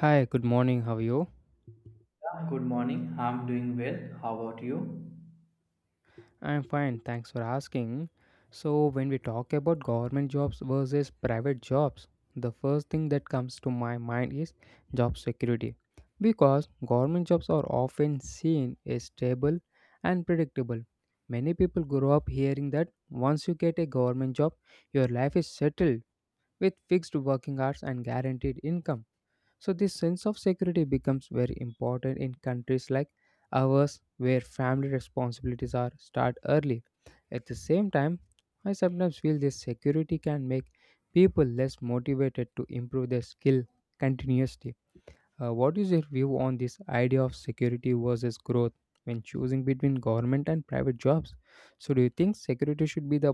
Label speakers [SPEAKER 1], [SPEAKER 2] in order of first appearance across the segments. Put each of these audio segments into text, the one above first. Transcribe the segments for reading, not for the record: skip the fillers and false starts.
[SPEAKER 1] Hi, good morning. How are you?
[SPEAKER 2] Good morning. I'm doing well. How about you?
[SPEAKER 1] I'm fine. Thanks for asking. So, when we talk about government jobs versus private jobs, the first thing that comes to my mind is job security. Because government jobs are often seen as stable and predictable. Many people grow up hearing that once you get a government job, your life is settled with fixed working hours and guaranteed income. So, this sense of security becomes very important in countries like ours where family responsibilities are start early. At the same time, I sometimes feel this security can make people less motivated to improve their skill continuously. What is your view on this idea of security versus growth when choosing between government and private jobs? So, do you think security should be the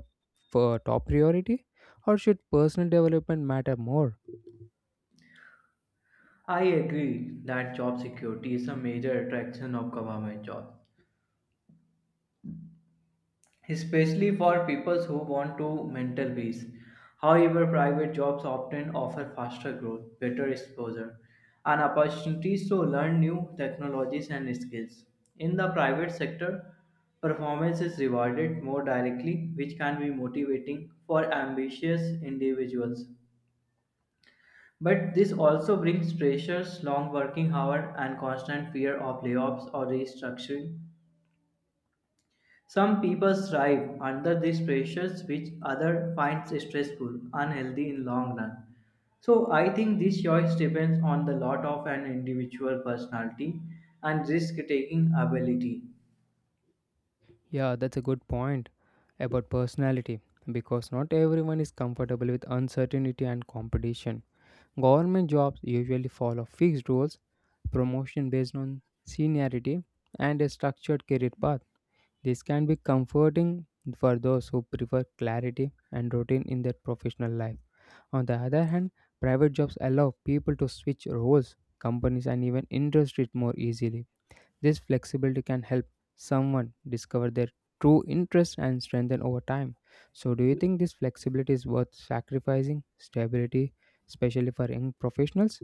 [SPEAKER 1] top priority or should personal development matter more?
[SPEAKER 2] I agree that job security is a major attraction of government jobs, especially for people who want to mental peace. However, private jobs often offer faster growth, better exposure, and opportunities to learn new technologies and skills. In the private sector, performance is rewarded more directly, which can be motivating for ambitious individuals. But this also brings pressures, long working hours, and constant fear of layoffs or restructuring. Some people thrive under these pressures, which others find stressful, unhealthy in long run. So I think this choice depends on the lot of an individual personality and risk taking ability.
[SPEAKER 1] Yeah, that's a good point about personality because not everyone is comfortable with uncertainty and competition. Government jobs usually follow fixed roles, promotion based on seniority, and a structured career path. This can be comforting for those who prefer clarity and routine in their professional life. On the other hand, private jobs allow people to switch roles, companies, and even industries more easily. This flexibility can help someone discover their true interests and strengthen over time. So, do you think this flexibility is worth sacrificing stability, especially for young professionals?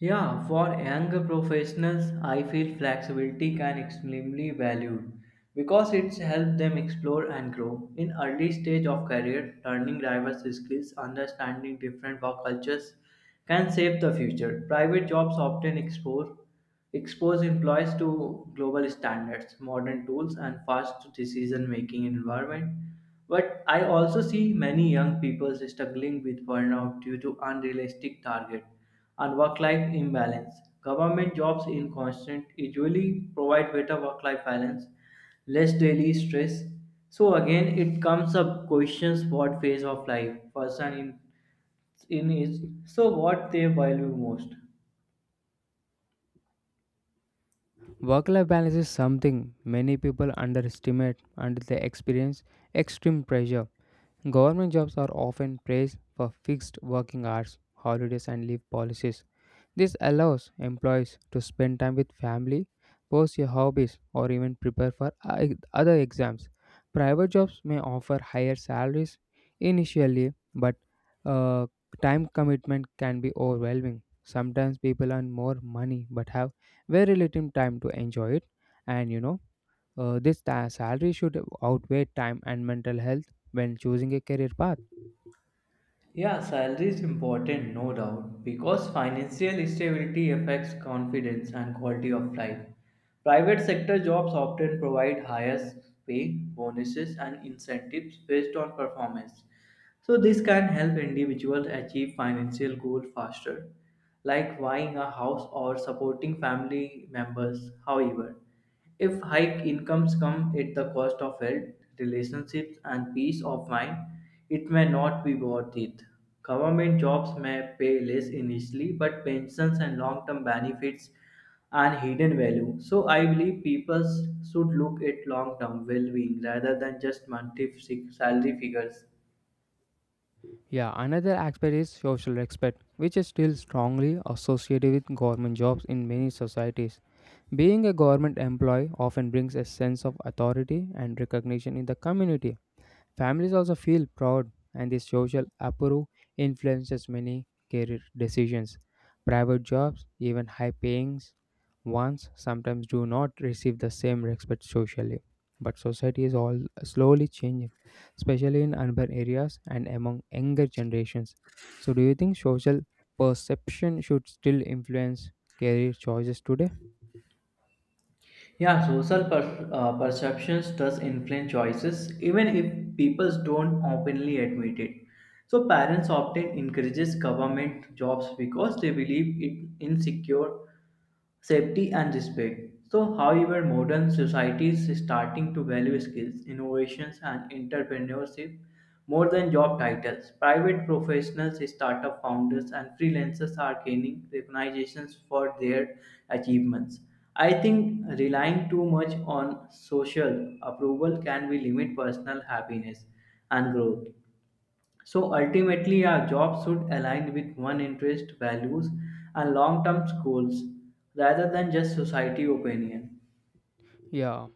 [SPEAKER 2] Yeah, for younger professionals, I feel flexibility can extremely valued because it's helped them explore and grow. In early stage of career, learning diverse skills, understanding different work cultures can shape the future. Private jobs often expose employees to global standards, modern tools, and fast decision-making environment. But I also see many young people struggling with burnout due to unrealistic targets and work-life imbalance. Government jobs in constant usually provide better work-life balance, less daily stress. So again, it comes up questions what phase of life person in is so what they value most.
[SPEAKER 1] Work life balance is something many people underestimate until they experience extreme pressure. Government jobs are often praised for fixed working hours, holidays, and leave policies. This allows employees to spend time with family, pursue hobbies, or even prepare for other exams. Private jobs may offer higher salaries initially, but uh, time commitment can be overwhelming. Sometimes people earn more money but have very little time to enjoy it. And you know, this salary should outweigh time and mental health when choosing a career path.
[SPEAKER 2] Yeah, salary is important, no doubt, because financial stability affects confidence and quality of life. Private sector jobs often provide higher pay, bonuses, and incentives based on performance. So, this can help individuals achieve financial goals faster, like buying a house or supporting family members. However, if high incomes come at the cost of health, relationships, and peace of mind, it may not be worth it. Government jobs may pay less initially, but pensions and long term benefits and hidden value. So I believe people should look at long term well being rather than just monthly salary figures.
[SPEAKER 1] Yeah, another aspect is social respect, which is still strongly associated with government jobs in many societies. Being a government employee often brings a sense of authority and recognition in the community. Families also feel proud, and this social approval influences many career decisions. Private jobs, even high paying ones, sometimes do not receive the same respect socially. But society is all slowly changing, especially in urban areas and among younger generations. So, do you think social perception should still influence career choices today?
[SPEAKER 2] Yeah, social perceptions does influence choices, even if people don't openly admit it. So parents often encourages government jobs because they believe it insecure safety and respect. So, however, modern societies is starting to value skills, innovations, and entrepreneurship more than job titles. Private professionals, startup founders, and freelancers are gaining recognitions for their achievements. I think relying too much on social approval can be limit personal happiness and growth. So ultimately, our job should align with one interest, values, and long term goals rather than just society opinion.
[SPEAKER 1] Yeah,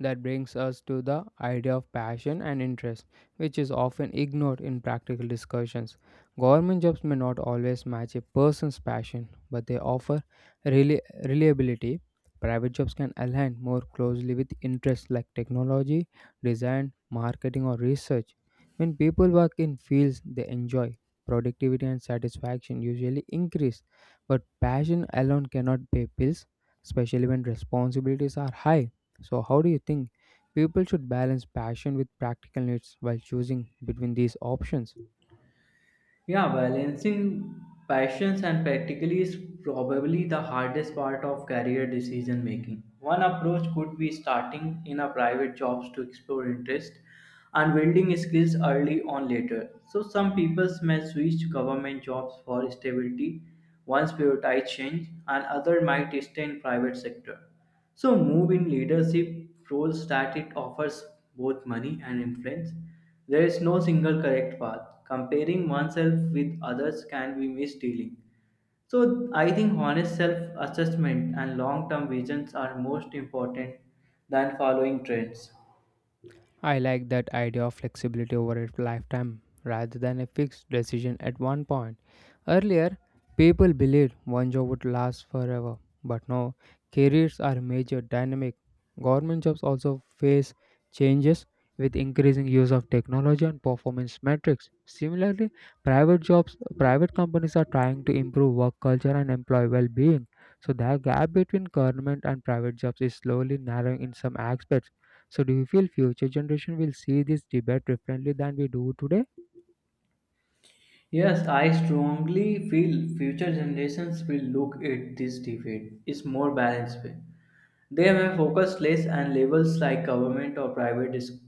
[SPEAKER 1] that brings us to the idea of passion and interest, which is often ignored in practical discussions. Government jobs may not always match a person's passion, but they offer rela- reliability. Private jobs can align more closely with interests like technology, design, marketing, or research. When people work in fields they enjoy, productivity and satisfaction usually increase, but passion alone cannot pay bills, especially when responsibilities are high. So, how do you think people should balance passion with practical needs while choosing between these options?
[SPEAKER 2] Yeah, balancing passions and practically is probably the hardest part of career decision making. One approach could be starting in a private jobs to explore interest and building skills early on later. So some people may switch government jobs for stability, once prioritize change, and other might stay in private sector. So, move in leadership roles that it offers both money and influence. There is no single correct path. Comparing oneself with others can be misleading. So, I think honest self assessment and long term visions are most important than following trends.
[SPEAKER 1] I like that idea of flexibility over a lifetime rather than a fixed decision at one point. Earlier, people believed one job would last forever, but now careers are major dynamic. Government jobs also face changes with increasing use of technology and performance metrics. Similarly, private companies are trying to improve work culture and employee well-being. So the gap between government and private jobs is slowly narrowing in some aspects. So do you feel future generation will see this debate differently than we do today?
[SPEAKER 2] Yes, I strongly feel future generations will look at this debate is more balanced way. They may focus less on labels like government or private is,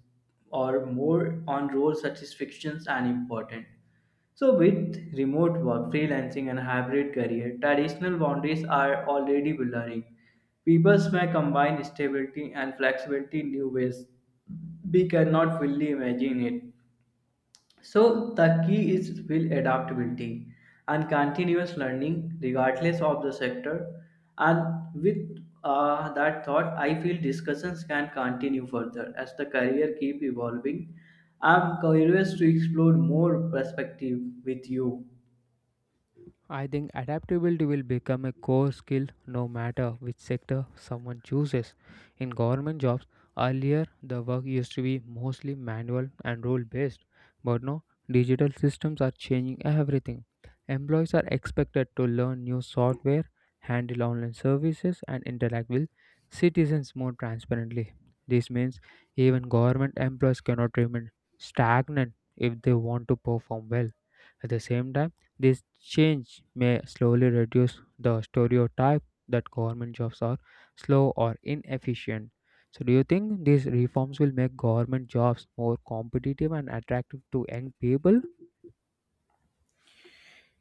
[SPEAKER 2] or more on roles such as fictions and important. So with remote work, freelancing and hybrid career, traditional boundaries are already blurring. People may combine stability and flexibility in new ways we cannot fully imagine it. So the key is skill adaptability and continuous learning regardless of the sector. And with that thought, I feel discussions can continue further as the career keep evolving. I'm curious to explore more perspective with you.
[SPEAKER 1] I think adaptability will become a core skill no matter which sector someone chooses. In government jobs, earlier the work used to be mostly manual and rule based, but now digital systems are changing everything. Employees are expected to learn new software, handle online services, and interact with citizens more transparently. This means even government employees cannot remain stagnant if they want to perform well. At the same time, this change may slowly reduce the stereotype that government jobs are slow or inefficient. So, do you think these reforms will make government jobs more competitive and attractive to young people?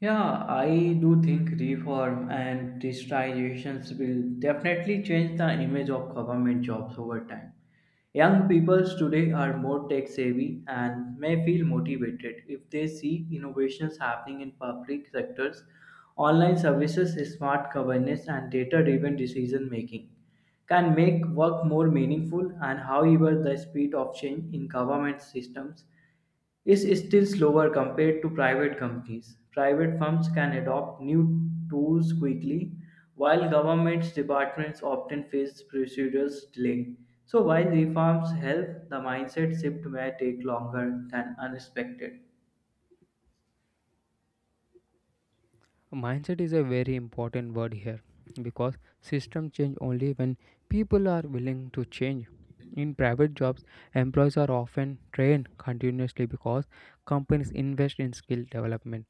[SPEAKER 2] Yeah, I do think reform and digitizations will definitely change the image of government jobs over time. Young people today are more tech savvy and may feel motivated if they see innovations happening in public sectors, online services, smart governance, and data driven decision making can make work more meaningful and however the speed of change in government systems is still slower compared to private companies. Private firms can adopt new tools quickly, while government departments often face procedural delay. So, while reforms help, the mindset shift may take longer than unexpected.
[SPEAKER 1] Mindset is a very important word here because system change only when people are willing to change. In private jobs, employees are often trained continuously because companies invest in skill development.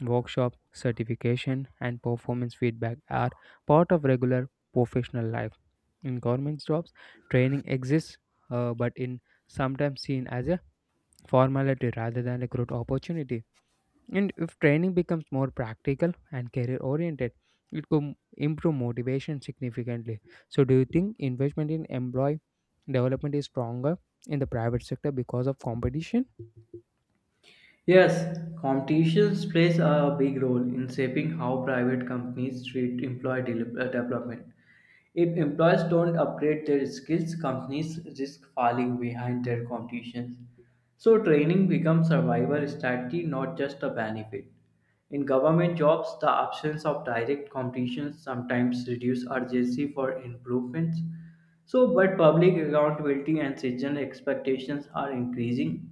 [SPEAKER 1] Workshops, certification, and performance feedback are part of regular professional life. In government jobs, training exists, but in sometimes seen as a formality rather than a growth opportunity. And if training becomes more practical and career oriented, it could improve motivation significantly. So, do you think investment in employee development is stronger in the private sector because of competition?
[SPEAKER 2] Yes, competitions plays a big role in shaping how private companies treat employee development. If employees don't upgrade their skills, companies risk falling behind their competitions. So training becomes survival strategy, not just a benefit. In government jobs, the absence of direct competition sometimes reduce urgency for improvements. So, but public accountability and citizen expectations are increasing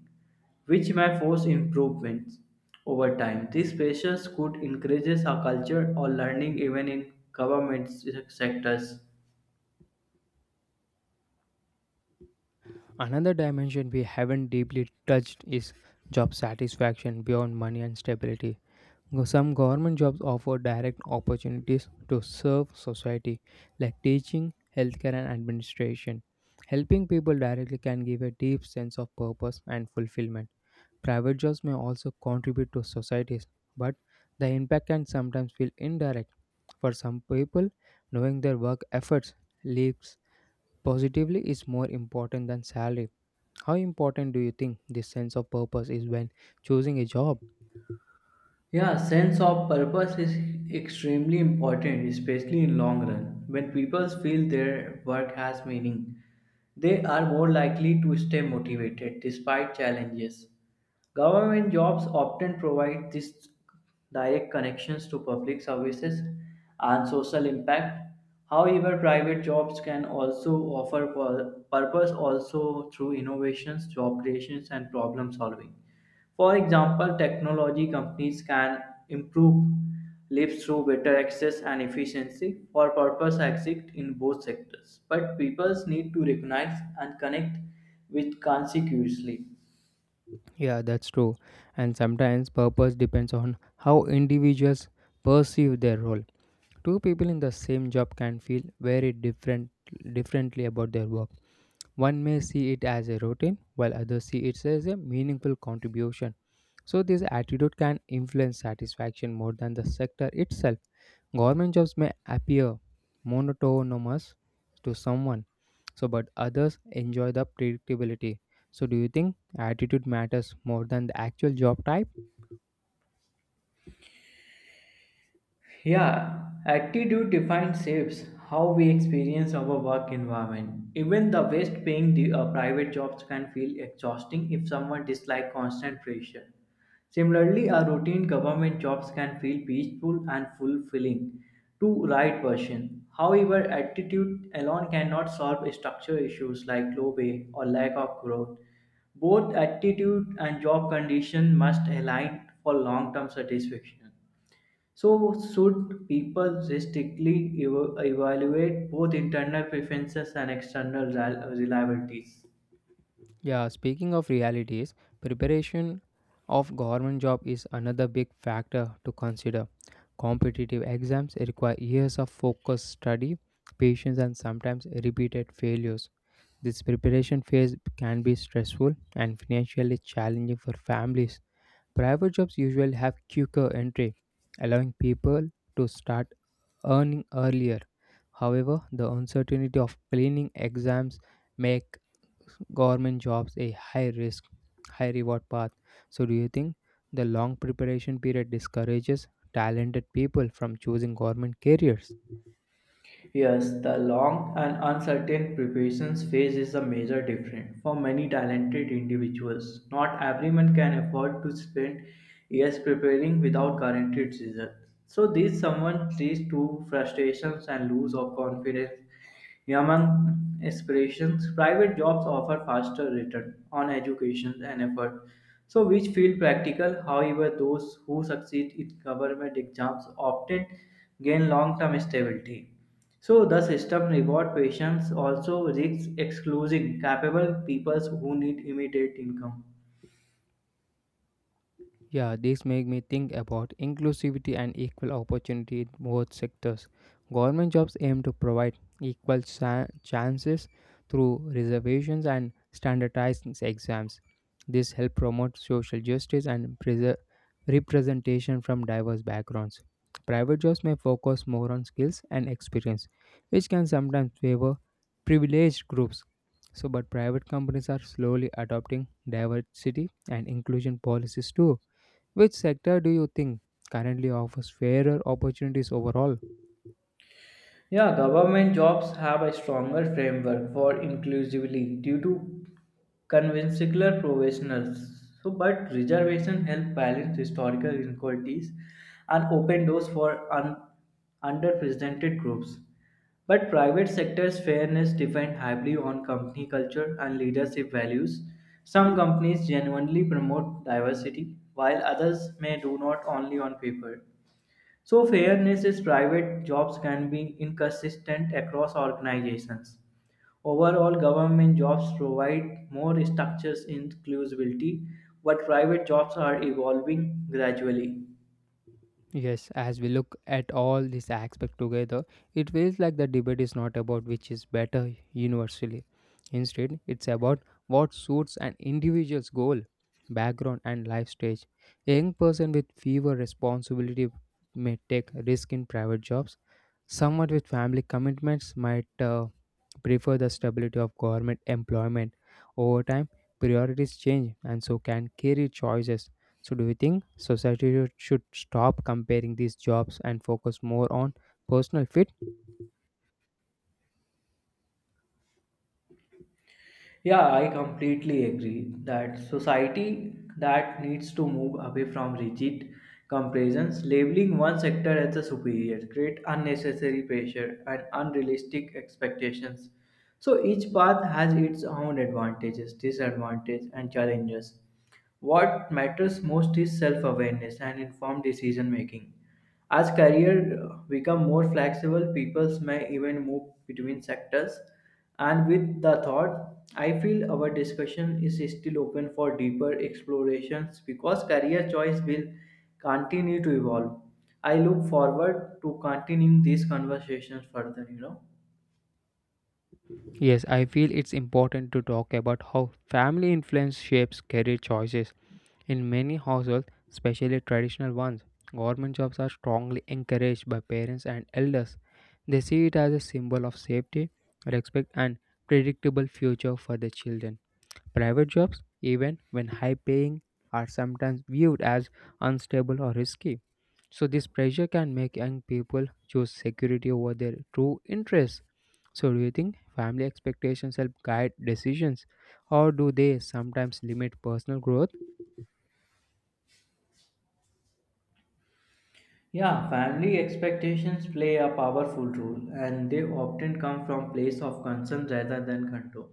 [SPEAKER 2] which may force improvements over time. These pressures could encourage a culture or learning even in government sectors.
[SPEAKER 1] Another dimension we haven't deeply touched is job satisfaction beyond money and stability. Some government jobs offer direct opportunities to serve society, like teaching, healthcare, and administration. Helping people directly can give a deep sense of purpose and fulfillment. Private jobs may also contribute to societies, but the impact can sometimes feel indirect. For some people, knowing their work efforts leaves positively is more important than salary. How important do you think this sense of purpose is when choosing a job?
[SPEAKER 2] Yeah, sense of purpose is extremely important, especially in long run. When people feel their work has meaning, they are more likely to stay motivated despite challenges. Government jobs often provide these direct connections to public services and social impact. However, private jobs can also offer purpose also through innovations, job creations, and problem solving. For example, technology companies can improve lives through better access and efficiency for purpose exist in both sectors. But peoples need to recognize and connect with consequently.
[SPEAKER 1] Yeah, that's true. And sometimes purpose depends on how individuals perceive their role. Two people in the same job can feel very differently about their work. One may see it as a routine, while others see it as a meaningful contribution. So, this attitude can influence satisfaction more than the sector itself. Government jobs may appear monotonous to someone, so but others enjoy the predictability. So, do you think attitude matters more than the actual job type?
[SPEAKER 2] Yeah, attitude defines shapes how we experience our work environment. Even the best paying private jobs can feel exhausting if someone dislikes constant pressure. Similarly, a routine government jobs can feel peaceful and fulfilling to right person. However, attitude alone cannot solve structural issues like low pay or lack of growth. Both attitude and job condition must align for long-term satisfaction. So, should people strictly evaluate both internal preferences and external reliabilities?
[SPEAKER 1] Yeah, speaking of realities, preparation of government job is another big factor to consider. Competitive exams require years of focused study, patience and sometimes repeated failures. This preparation phase can be stressful and financially challenging for families. Private jobs usually have quicker entry, allowing people to start earning earlier. However, the uncertainty of cleaning exams make government jobs a high risk, high reward path. So, do you think the long preparation period discourages talented people from choosing government careers?
[SPEAKER 2] Yes, the long and uncertain preparations phase is a major difference for many talented individuals. Not everyone can afford to spend years preparing without guaranteed results. So this someone leads to frustrations and lose of confidence among aspirations. Private jobs offer faster return on education and effort. So which feel practical, however, those who succeed in government exams often gain long-term stability. So the system reward patients also risks excluding capable peoples who need immediate income.
[SPEAKER 1] Yeah, this make me think about inclusivity and equal opportunity in both sectors. Government jobs aim to provide equal chances through reservations and standardized exams. This help promote social justice and preser representation from diverse backgrounds. Private jobs may focus more on skills and experience, which can sometimes favor privileged groups. So, but private companies are slowly adopting diversity and inclusion policies too. Which sector do you think currently offers fairer opportunities overall?
[SPEAKER 2] Yeah, government jobs have a stronger framework for inclusively due to conventional professionals. So, but reservation help balance historical inequalities and open doors for underrepresented groups. But private sector's fairness depends heavily on company culture and leadership values. Some companies genuinely promote diversity, while others may do not only on paper. So, fairness is private jobs can be inconsistent across organizations. Overall, government jobs provide more structures inclusivity, but private jobs are evolving gradually.
[SPEAKER 1] Yes, as we look at all these aspects together, it feels like the debate is not about which is better universally. Instead, it's about what suits an individual's goal, background, and life stage. A young person with fewer responsibility may take risk in private jobs. Someone with family commitments might prefer the stability of government employment. Over time, priorities change and so can career choices. So, do you think society should stop comparing these jobs and focus more on personal fit?
[SPEAKER 2] Yeah, I completely agree that society that needs to move away from rigid comparisons, labeling one sector as a superior, create unnecessary pressure and unrealistic expectations. So each path has its own advantages, disadvantages, and challenges. What matters most is self awareness and informed decision making. As careers become more flexible, people may even move between sectors. And with the thought, I feel our discussion is still open for deeper explorations because career choice will continue to evolve. I look forward to continuing these conversations further, you know.
[SPEAKER 1] Yes, I feel it's important to talk about how family influence shapes career choices. In many households, especially traditional ones, government jobs are strongly encouraged by parents and elders. They see it as a symbol of safety, respect, and predictable future for their children. Private jobs, even when high paying, are sometimes viewed as unstable or risky. So, this pressure can make young people choose security over their true interests. So, do you think family expectations help guide decisions, or do they sometimes limit personal growth?
[SPEAKER 2] Yeah, family expectations play a powerful role and they often come from place of concern rather than control.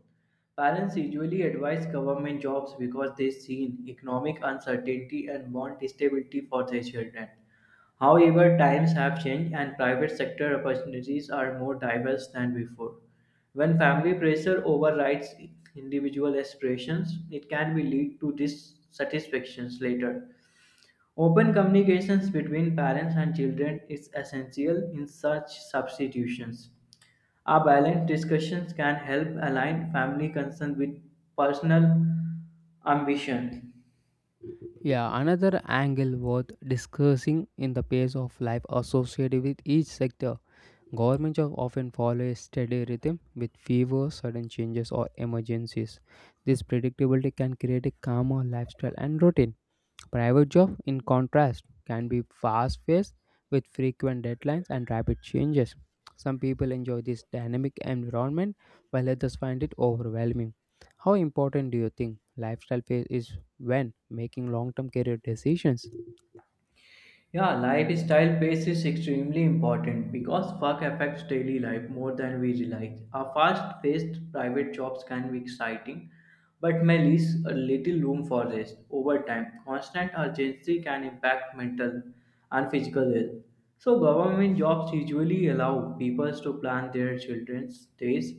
[SPEAKER 2] Parents usually advise government jobs because they see economic uncertainty and want stability for their children. However, times have changed and private sector opportunities are more diverse than before. When family pressure overrides individual aspirations, it can be lead to dissatisfactions later. Open communications between parents and children is essential in such substitutions. A balanced discussion can help align family concerns with personal ambitions.
[SPEAKER 1] Yeah, another angle worth discussing in the pace of life associated with each sector. Government jobs often follow a steady rhythm with fewer sudden changes or emergencies. This predictability can create a calmer lifestyle and routine. Private jobs, in contrast, can be fast paced with frequent deadlines and rapid changes. Some people enjoy this dynamic environment while others find it overwhelming. How important do you think lifestyle phase is when making long term career decisions?
[SPEAKER 2] Yeah, lifestyle pace is extremely important because work affects daily life more than we realize. A fast paced private jobs can be exciting, but may leave a little room for rest. Over time, constant urgency can impact mental and physical health. So, government jobs usually allow people to plan their children's days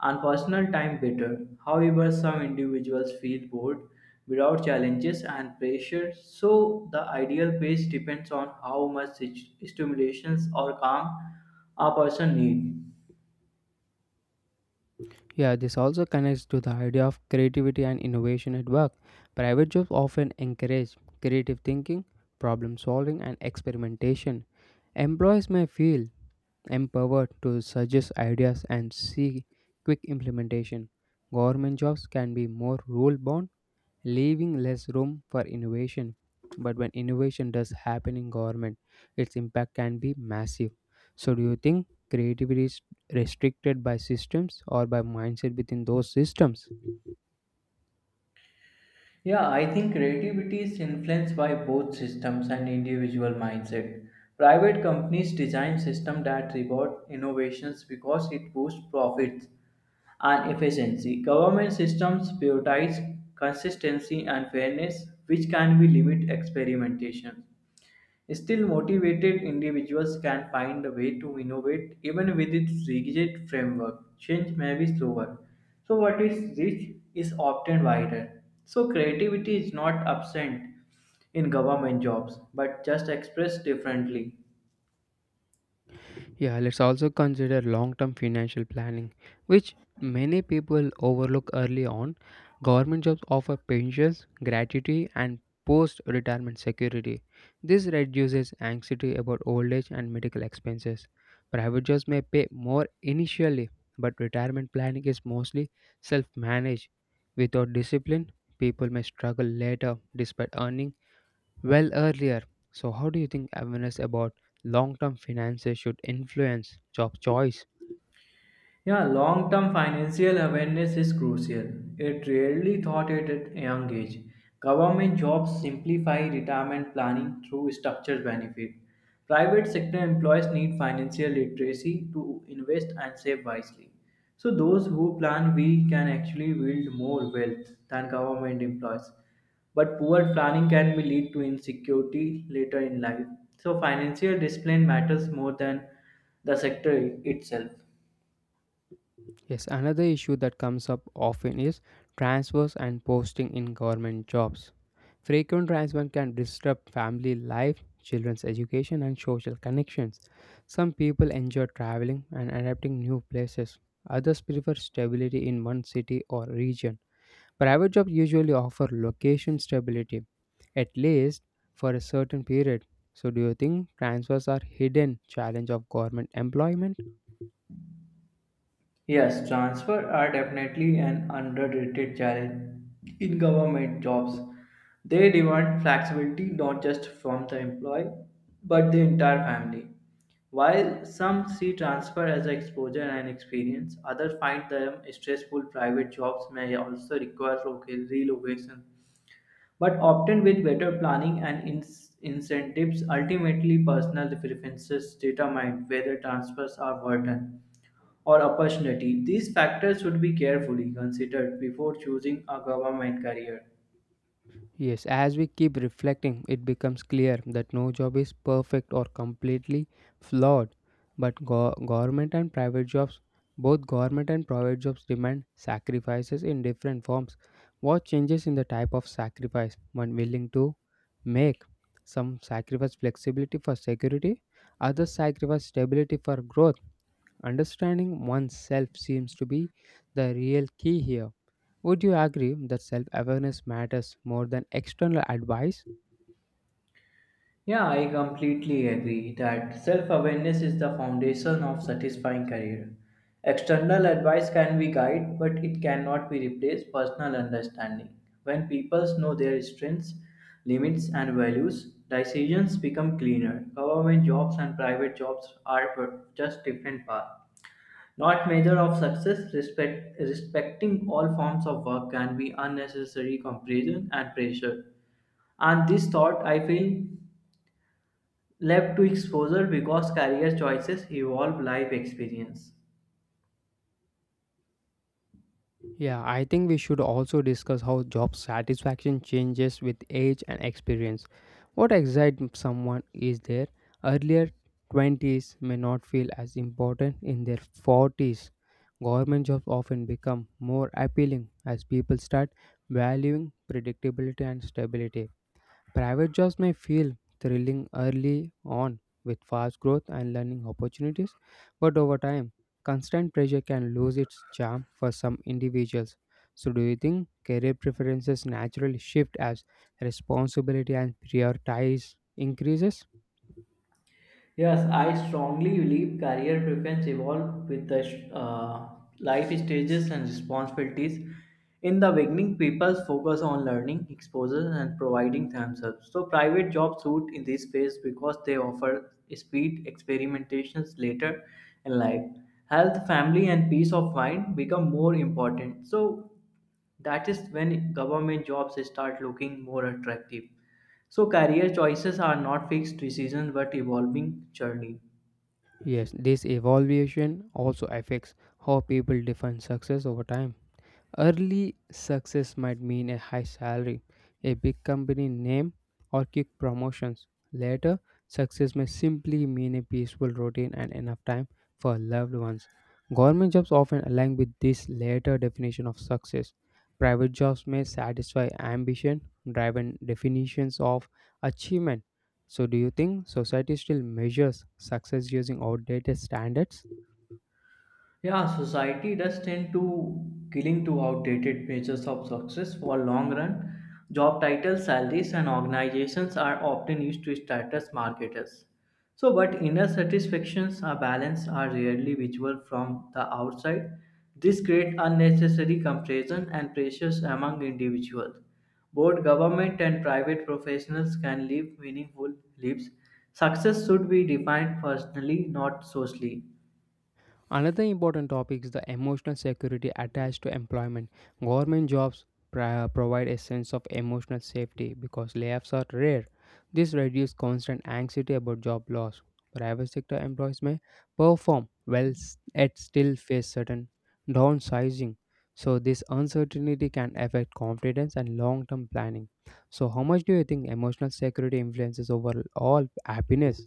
[SPEAKER 2] and personal time better. However, some individuals feel bored without challenges and pressure. So the ideal pace depends on how much stimulations or calm a person needs.
[SPEAKER 1] Yeah, this also connects to the idea of creativity and innovation at work. Private jobs often encourage creative thinking, problem solving, and experimentation. Employees may feel empowered to suggest ideas and see quick implementation. Government jobs can be more rule bound, leaving less room for innovation. But when innovation does happen in government, its impact can be massive. So, do you think creativity is restricted by systems or by mindset within those systems?
[SPEAKER 2] Yeah, I think creativity is influenced by both systems and individual mindset. Private companies design systems that reward innovations because it boosts profits and efficiency. Government systems prioritize consistency and fairness, which can be limit experimentation. Still, motivated individuals can find a way to innovate even with its rigid framework. Change may be slower. So, what is rich is often wider. So, creativity is not absent in government jobs but just expressed differently.
[SPEAKER 1] Yeah, let's also consider long term financial planning, which many people overlook early on. Government jobs offer pensions, gratuity, and post retirement security. This reduces anxiety about old age and medical expenses. Private jobs may pay more initially, but retirement planning is mostly self managed. Without discipline, people may struggle later despite earning well earlier. So, how do you think awareness about long term finances should influence job choice?
[SPEAKER 2] Yeah, long term financial awareness is crucial. It rarely thought it at a young age. Government jobs simplify retirement planning through structured benefit. Private sector employees need financial literacy to invest and save wisely. So those who plan we can actually build more wealth than government employees. But poor planning can be lead to insecurity later in life. So financial discipline matters more than the sector itself.
[SPEAKER 1] Yes, another issue that comes up often is transfers and posting in government jobs. Frequent transfer can disrupt family life, children's education, and social connections. Some people enjoy traveling and adapting new places. Others prefer stability in one city or region. Private jobs usually offer location stability, at least for a certain period. So, do you think transfers are hidden challenge of government employment?
[SPEAKER 2] Yes, transfer are definitely an underrated challenge in government jobs. They demand flexibility not just from the employee but the entire family. While some see transfer as exposure and experience, others find them stressful. Private jobs may also require relocation, but often with better planning and incentives, ultimately personal preferences determine whether transfers are worth it or opportunity. These factors should be carefully considered before choosing a government career.
[SPEAKER 1] Yes, as we keep reflecting, it becomes clear that no job is perfect or completely flawed. But go- government and private jobs, both government and private jobs demand sacrifices in different forms. What changes in the type of sacrifice one willing to make? Some sacrifice flexibility for security, others sacrifice stability for growth. Understanding oneself seems to be the real key here. Would you agree that self awareness matters more than external advice?
[SPEAKER 2] Yeah, I completely agree that self awareness is the foundation of satisfying career. External advice can be guide, but it cannot be replaced personal understanding. When people know their strengths, limits, and values, decisions become cleaner. Government jobs and private jobs are just different paths. Not measure of success respect, respecting all forms of work can be unnecessary comparison and pressure and this thought I feel left to exposure because career choices evolve life experience.
[SPEAKER 1] Yeah, I think we should also discuss how job satisfaction changes with age and experience. What excites someone is there earlier 20s may not feel as important in their 40s. Government jobs often become more appealing as people start valuing predictability and stability. Private jobs may feel thrilling early on with fast growth and learning opportunities, but over time, constant pressure can lose its charm for some individuals. So, do you think career preferences naturally shift as responsibility and prioritize increases?
[SPEAKER 2] Yes, I strongly believe career preference evolve with the life stages and responsibilities. In the beginning, people focus on learning, exposure, and providing themselves. So, private jobs suit in this phase because they offer speed experimentations later in life. Health, family, and peace of mind become more important. So, that is when government jobs start looking more attractive so career choices are not fixed decisions but evolving journey.
[SPEAKER 1] Yes, this evaluation also affects how people define success over time. Early success might mean a high salary, a big company name, or quick promotions. Later, success may simply mean a peaceful routine and enough time for loved ones. Government jobs often align with this later definition of success. Private jobs may satisfy ambition, driven definitions of achievement. So, do you think society still measures success using outdated standards?
[SPEAKER 2] Yeah, society does tend to killing to outdated measures of success for long run. Job titles, salaries, and organizations are often used to status marketers. So, but inner satisfactions are balanced are rarely visible from the outside. This creates unnecessary comparison and pressures among individuals. Both government and private professionals can live meaningful lives. Success should be defined personally, not socially.
[SPEAKER 1] Another important topic is the emotional security attached to employment. Government jobs provide a sense of emotional safety because layoffs are rare. This reduces constant anxiety about job loss. Private sector employees may perform well yet still face certain downsizing. So this uncertainty can affect confidence and long-term planning. So how much do you think emotional security influences overall happiness?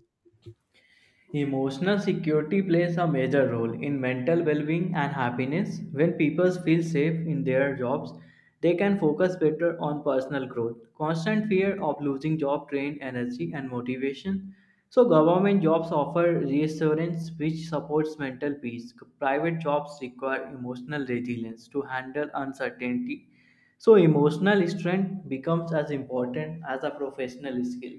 [SPEAKER 2] Emotional security plays a major role in mental well being and happiness. When people feel safe in their jobs, they can focus better on personal growth. Constant fear of losing job drain energy and motivation. So, government jobs offer reassurance which supports mental peace. Private jobs require emotional resilience to handle uncertainty. So, emotional strength becomes as important as a professional skill.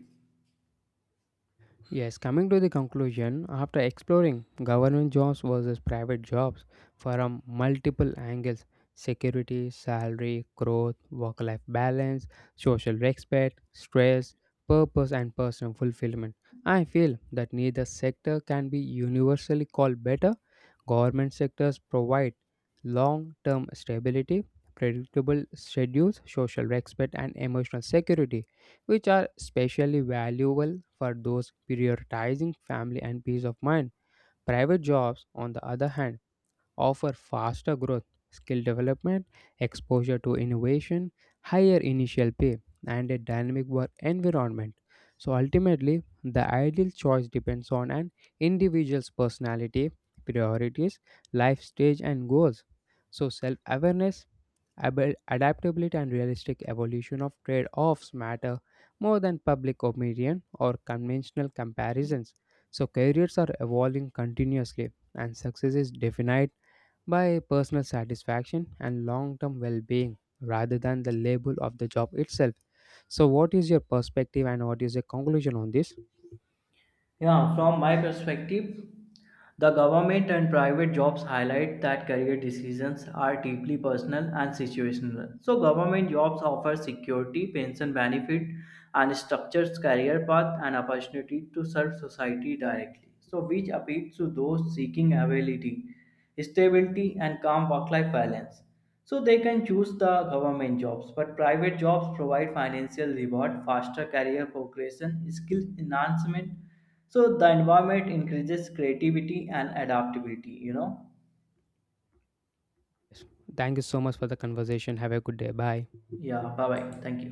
[SPEAKER 1] Yes, coming to the conclusion, after exploring government jobs versus private jobs from multiple angles, security, salary, growth, work life balance, social respect, stress, purpose, and personal fulfillment, I feel that neither sector can be universally called better. Government sectors provide long term stability, predictable schedules, social respect, and emotional security which are especially valuable for those prioritizing family and peace of mind. Private jobs, on the other hand, offer faster growth, skill development, exposure to innovation, higher initial pay, and a dynamic work environment. So ultimately, the ideal choice depends on an individual's personality, priorities, life stage, and goals. So self awareness, adaptability and realistic evolution of trade offs matter more than public opinion or conventional comparisons. So, careers are evolving continuously, and success is defined by personal satisfaction and long term well being rather than the label of the job itself. So, what is your perspective and what is your conclusion on this?
[SPEAKER 2] Yeah, from my perspective, the government and private jobs highlight that career decisions are deeply personal and situational. So government jobs offer security, pension benefit, and structured career path and opportunity to serve society directly. So which appeals to those seeking ability, stability, and calm work-life balance. So they can choose the government jobs, but private jobs provide financial reward, faster career progression, skill enhancement, so the environment increases creativity and adaptability, you know?
[SPEAKER 1] Yes. Thank you so much for the conversation. Have a good day. Bye.
[SPEAKER 2] Yeah, bye bye. Thank you.